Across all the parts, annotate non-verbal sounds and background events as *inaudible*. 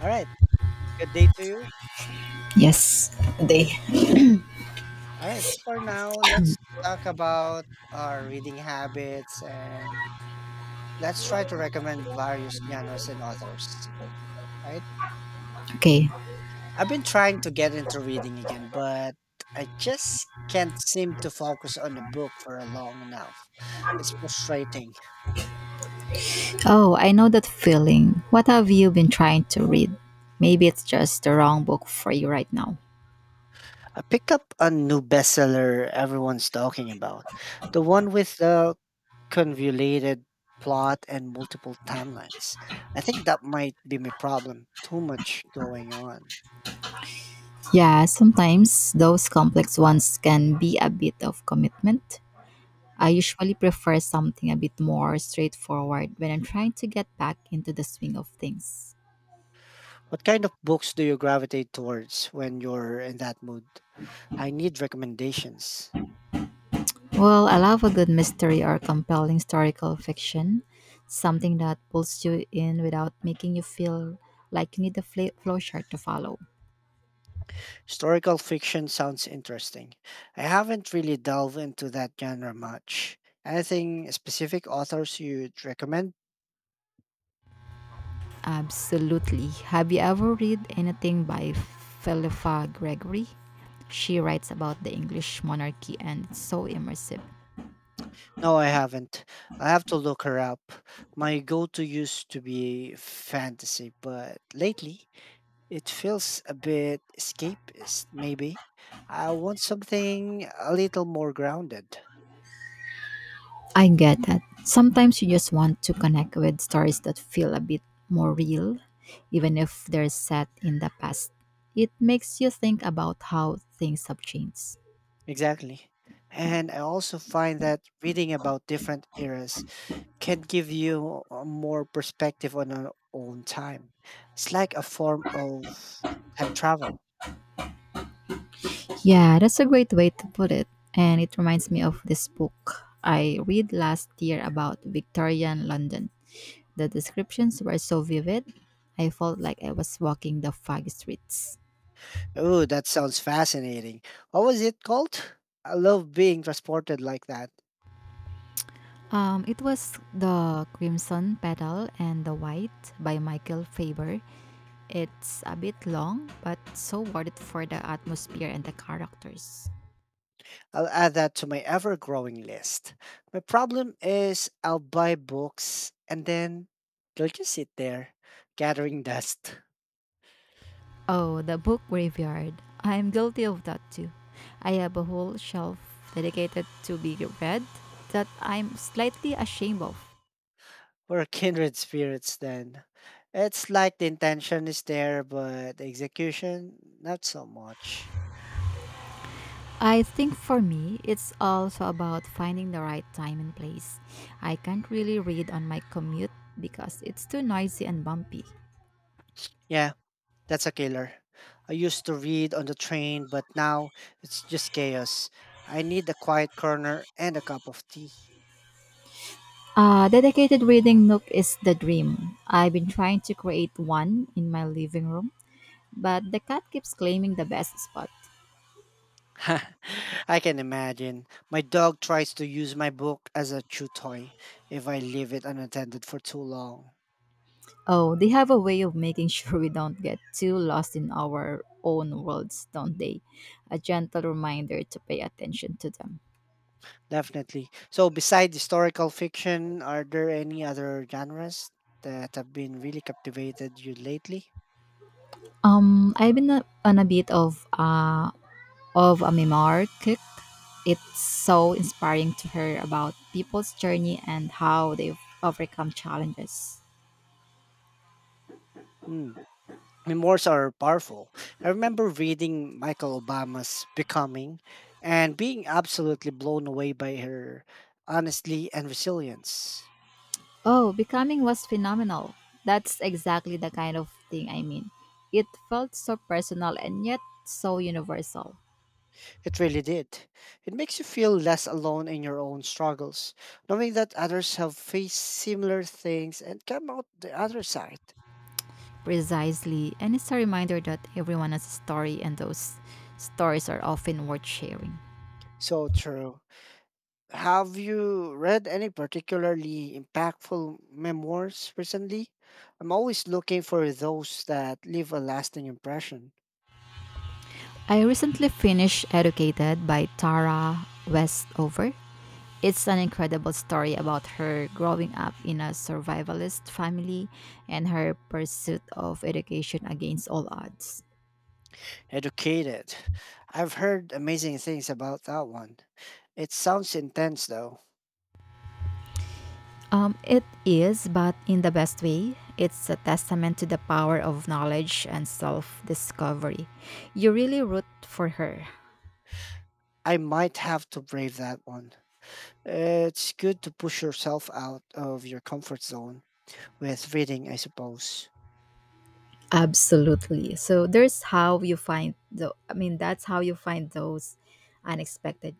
All right. Good day to you. Yes. They. All right. So for now, let's talk about our reading habits and let's try to recommend various genres and authors. Right. Okay. I've been trying to get into reading again, but I just can't seem to focus on a book for a long enough. It's frustrating. Oh, I know that feeling. What have you been trying to read? Maybe it's just the wrong book for you right now. I picked up a new bestseller everyone's talking about, the one with the convoluted plot and multiple timelines. I think that might be my problem. Too much going on. Yeah, sometimes those complex ones can be a bit of commitment. I usually prefer something a bit more straightforward when I'm trying to get back into the swing of things. What kind of books do you gravitate towards when you're in that mood? I need recommendations. Well, I love a good mystery or compelling historical fiction, something that pulls you in without making you feel like you need a flowchart to follow. Historical fiction sounds interesting. I haven't really delved into that genre much. Anything specific authors you'd recommend? Absolutely. Have you ever read anything by Philippa Gregory? She writes about the English monarchy and it's so immersive. No, I haven't. I have to look her up. My go to used to be fantasy, but lately it feels a bit escapist, maybe. I want something a little more grounded. I get that. Sometimes you just want to connect with stories that feel a bit more real, even if they're set in the past. It makes you think about how things have changed. Exactly. And I also find that reading about different eras can give you a more perspective on our own time. It's like a form of time travel. Yeah, that's a great way to put it. And it reminds me of this book I read last year about Victorian London. The descriptions were so vivid, I felt like I was walking the fog streets. Oh, that sounds fascinating. What was it called? I love being transported like that. It was The Crimson Petal and the White by Michael Faber. It's a bit long, but so worth it for the atmosphere and the characters. I'll add that to my ever growing list. My problem is I'll buy books and then they'll just sit there, gathering dust. Oh, the book graveyard. I'm guilty of that too. I have a whole shelf dedicated to be read that I'm slightly ashamed of. *laughs* We're kindred spirits then. It's like the intention is there, but the execution, not so much. I think for me, it's also about finding the right time and place. I can't really read on my commute because it's too noisy and bumpy. Yeah, that's a killer. I used to read on the train, but now it's just chaos. I need a quiet corner and a cup of tea. A dedicated reading nook is the dream. I've been trying to create one in my living room, but the cat keeps claiming the best spot. *laughs* I can imagine. My dog tries to use my book as a chew toy if I leave it unattended for too long. Oh, they have a way of making *laughs* sure we don't get too lost in our own worlds, don't they? A gentle reminder to pay attention to them. Definitely. So, besides historical fiction, are there any other genres that have been really captivated you lately? I've been on a bit of a memoir cook. It's so inspiring to hear about people's journey and how they've overcome challenges. Hmm. Memoirs are powerful. I remember reading Michael Obama's Becoming and being absolutely blown away by her honesty and resilience. Oh, Becoming was phenomenal. That's exactly the kind of thing I mean. It felt so personal and yet so universal. It really did. It makes you feel less alone in your own struggles, knowing that others have faced similar things and come out the other side. Precisely, and it's a reminder that everyone has a story, and those stories are often worth sharing. So true. Have you read any particularly impactful memoirs recently? I'm always looking for those that leave a lasting impression. I recently finished Educated by Tara Westover. It's an incredible story about her growing up in a survivalist family and her pursuit of education against all odds. Educated. I've heard amazing things about that one. It sounds intense though. It is, but in the best way. It's a testament to the power of knowledge and self discovery. You really root for her. I might have to brave that one. It's good to push yourself out of your comfort zone with reading, I suppose. Absolutely. So there's how you find the I mean that's how you find those unexpected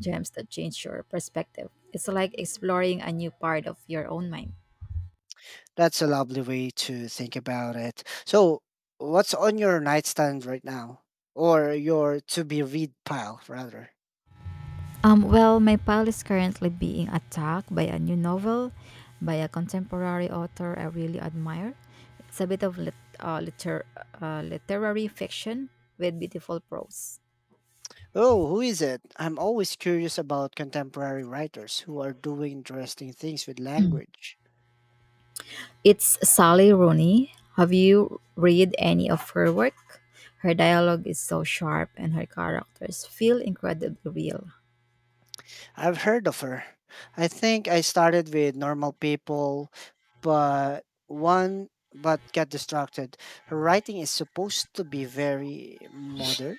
gems that change your perspective. It's like exploring a new part of your own mind. That's a lovely way to think about it. So, what's on your nightstand right now? Or your to be read pile, rather? Well, my pile is currently being attacked by a new novel by a contemporary author I really admire. It's a bit of literary fiction with beautiful prose. Oh, who is it? I'm always curious about contemporary writers who are doing interesting things with language. It's Sally Rooney. Have you read any of her work? Her dialogue is so sharp and her characters feel incredibly real. I've heard of her. I think I started with normal people, but one but got distracted. Her writing is supposed to be very modern.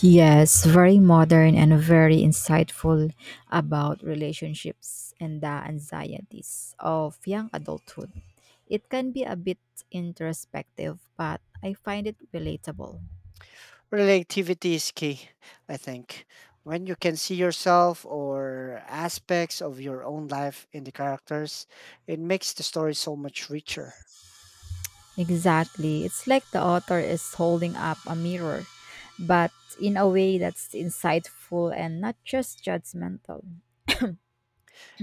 Yes, very modern and very insightful about relationships and the anxieties of young adulthood. It can be a bit introspective, but I find it relatable. Relativity is key, I think. When you can see yourself or aspects of your own life in the characters, it makes the story so much richer. Exactly. It's like the author is holding up a mirror, but in a way that's insightful and not just judgmental.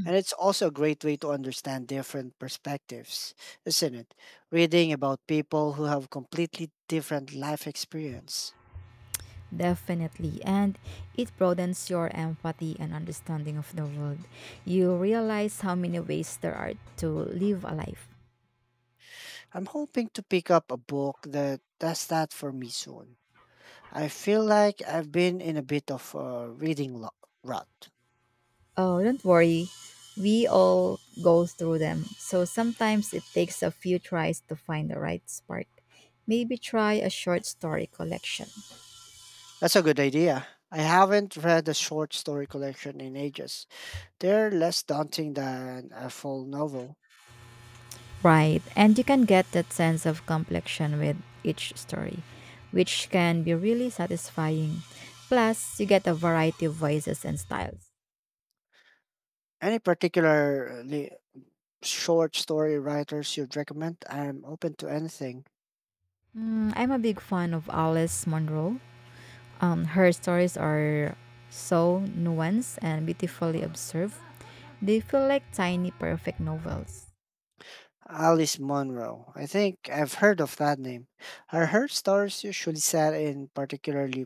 And it's also a great way to understand different perspectives, isn't it? Reading about people who have completely different life experience. Definitely. And it broadens your empathy and understanding of the world. You realize how many ways there are to live a life. I'm hoping to pick up a book that does that for me soon. I feel like I've been in a bit of a reading rut. Oh, don't worry. We all go through them. So sometimes it takes a few tries to find the right spark. Maybe try a short story collection. That's a good idea. I haven't read a short story collection in ages. They're less daunting than a full novel. Right. And you can get that sense of complexion with each story, which can be really satisfying. Plus, you get a variety of voices and styles. Any particularly short story writers you'd recommend? I'm open to anything. Mm, I'm a big fan of Alice Munro. Her stories are so nuanced and beautifully observed. They feel like tiny, perfect novels. Alice Munro. I think I've heard of that name. Are her stories usually set in particularly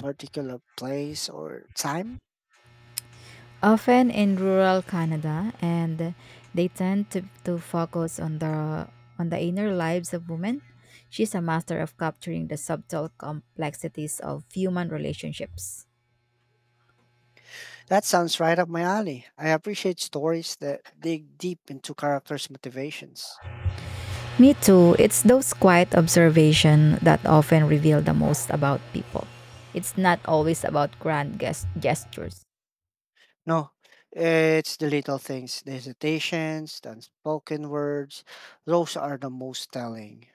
particular place or time? Often in rural Canada, and they tend to focus on the inner lives of women. She's a master of capturing the subtle complexities of human relationships. That sounds right up my alley. I appreciate stories that dig deep into characters' motivations. Me too. It's those quiet observation that often reveal the most about people. It's not always about grand gestures. No, it's the little things, the hesitations, the unspoken words. Those are the most telling.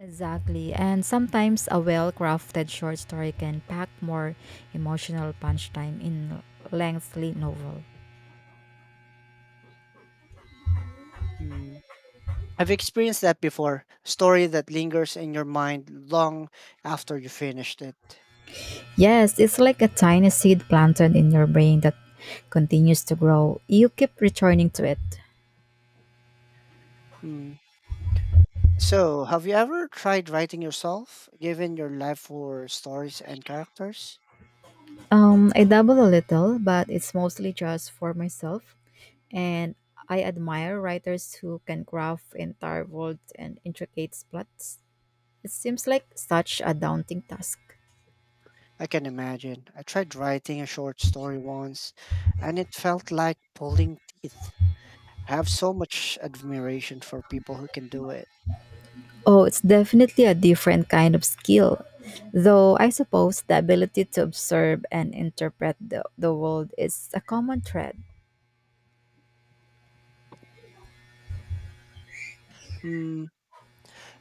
Exactly. And sometimes a well-crafted short story can pack more emotional punch time in lengthy novel. Mm. I've experienced that before. Story that lingers in your mind long after you finished it. Yes, it's like a tiny seed planted in your brain that continues to grow. You keep returning to it. Mm. So, have you ever tried writing yourself, given your love for stories and characters? I dabble a little, but it's mostly just for myself. And I admire writers who can craft entire worlds and intricate plots. It seems like such a daunting task. I can imagine. I tried writing a short story once, and it felt like pulling teeth. I have so much admiration for people who can do it. Oh, it's definitely a different kind of skill. Though I suppose the ability to observe and interpret the world is a common thread. Mm,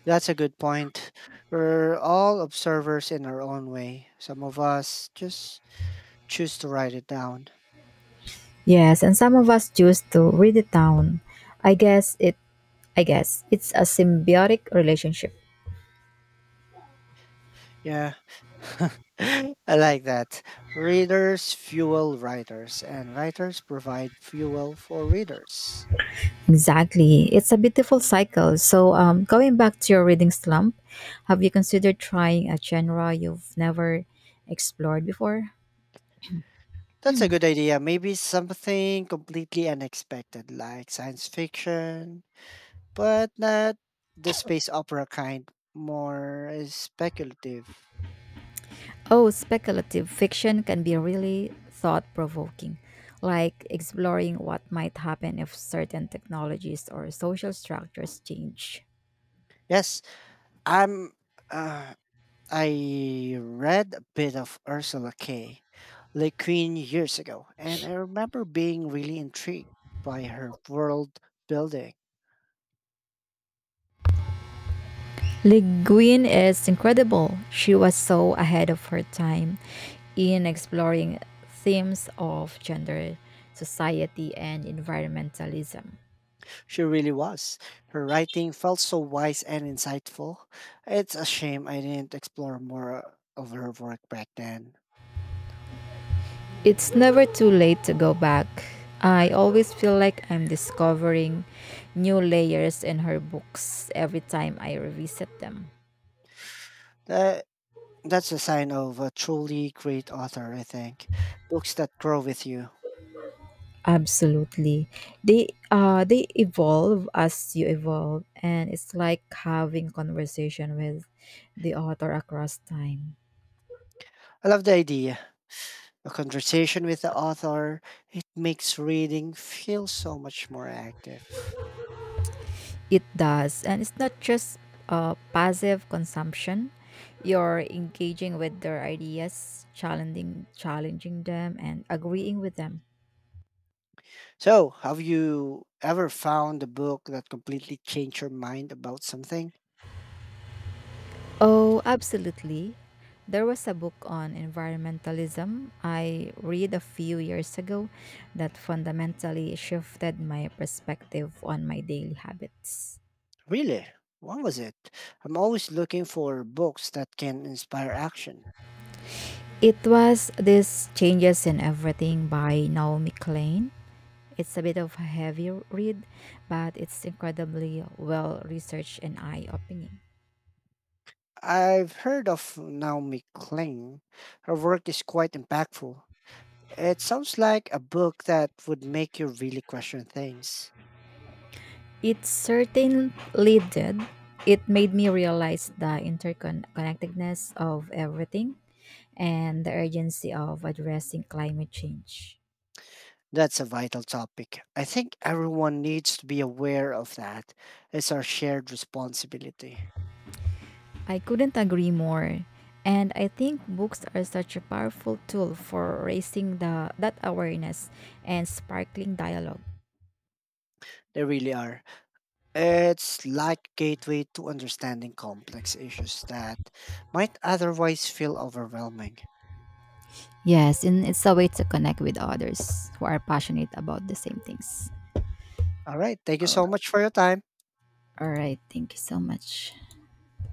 that's a good point. We're all observers in our own way. Some of us just choose to write it down. Yes, and some of us choose to read it down. I guess it I guess it's a symbiotic relationship. Yeah. *laughs* I like that. Readers fuel writers, and writers provide fuel for readers. Exactly. It's a beautiful cycle. So, going back to your reading slump, have you considered trying a genre you've never explored before? That's a good idea. Maybe something completely unexpected, like science fiction but not the space opera kind, more speculative. Oh, speculative fiction can be really thought provoking, like exploring what might happen if certain technologies or social structures change. Yes, I'm. Uh, I read a bit of Ursula K. Le Guin years ago, and I remember being really intrigued by her world building. Le Guin is incredible. She was so ahead of her time in exploring themes of gender, society, and environmentalism. She really was. Her writing felt so wise and insightful. It's a shame I didn't explore more of her work back then. It's never too late to go back. I always feel like I'm discovering new layers in her books every time I revisit them. That, that's a sign of a truly great author, I think. Books that grow with you. Absolutely. They evolve as you evolve and it's like having conversation with the author across time. I love the idea. A conversation with the author, it makes reading feel so much more active. It does and it's not just passive consumption. You're engaging with their ideas, challenging them and agreeing with them. So, have you ever found a book that completely changed your mind about something? Oh, absolutely. There was a book on environmentalism I read a few years ago that fundamentally shifted my perspective on my daily habits. Really? What was it? I'm always looking for books that can inspire action. It was This Changes in Everything by Naomi Klein. It's a bit of a heavy read, but it's incredibly well researched and eye opening. I've heard of Naomi Klein. Her work is quite impactful. It sounds like a book that would make you really question things. It certainly did. It made me realize the interconnectedness of everything and the urgency of addressing climate change. That's a vital topic. I think everyone needs to be aware of that. It's our shared responsibility. I couldn't agree more. And I think books are such a powerful tool for raising that awareness and sparkling dialogue. They really are. It's like gateway to understanding complex issues that might otherwise feel overwhelming. Yes, and it's a way to connect with others who are passionate about the same things. All right. Thank you so much for your time. All right, thank you so much.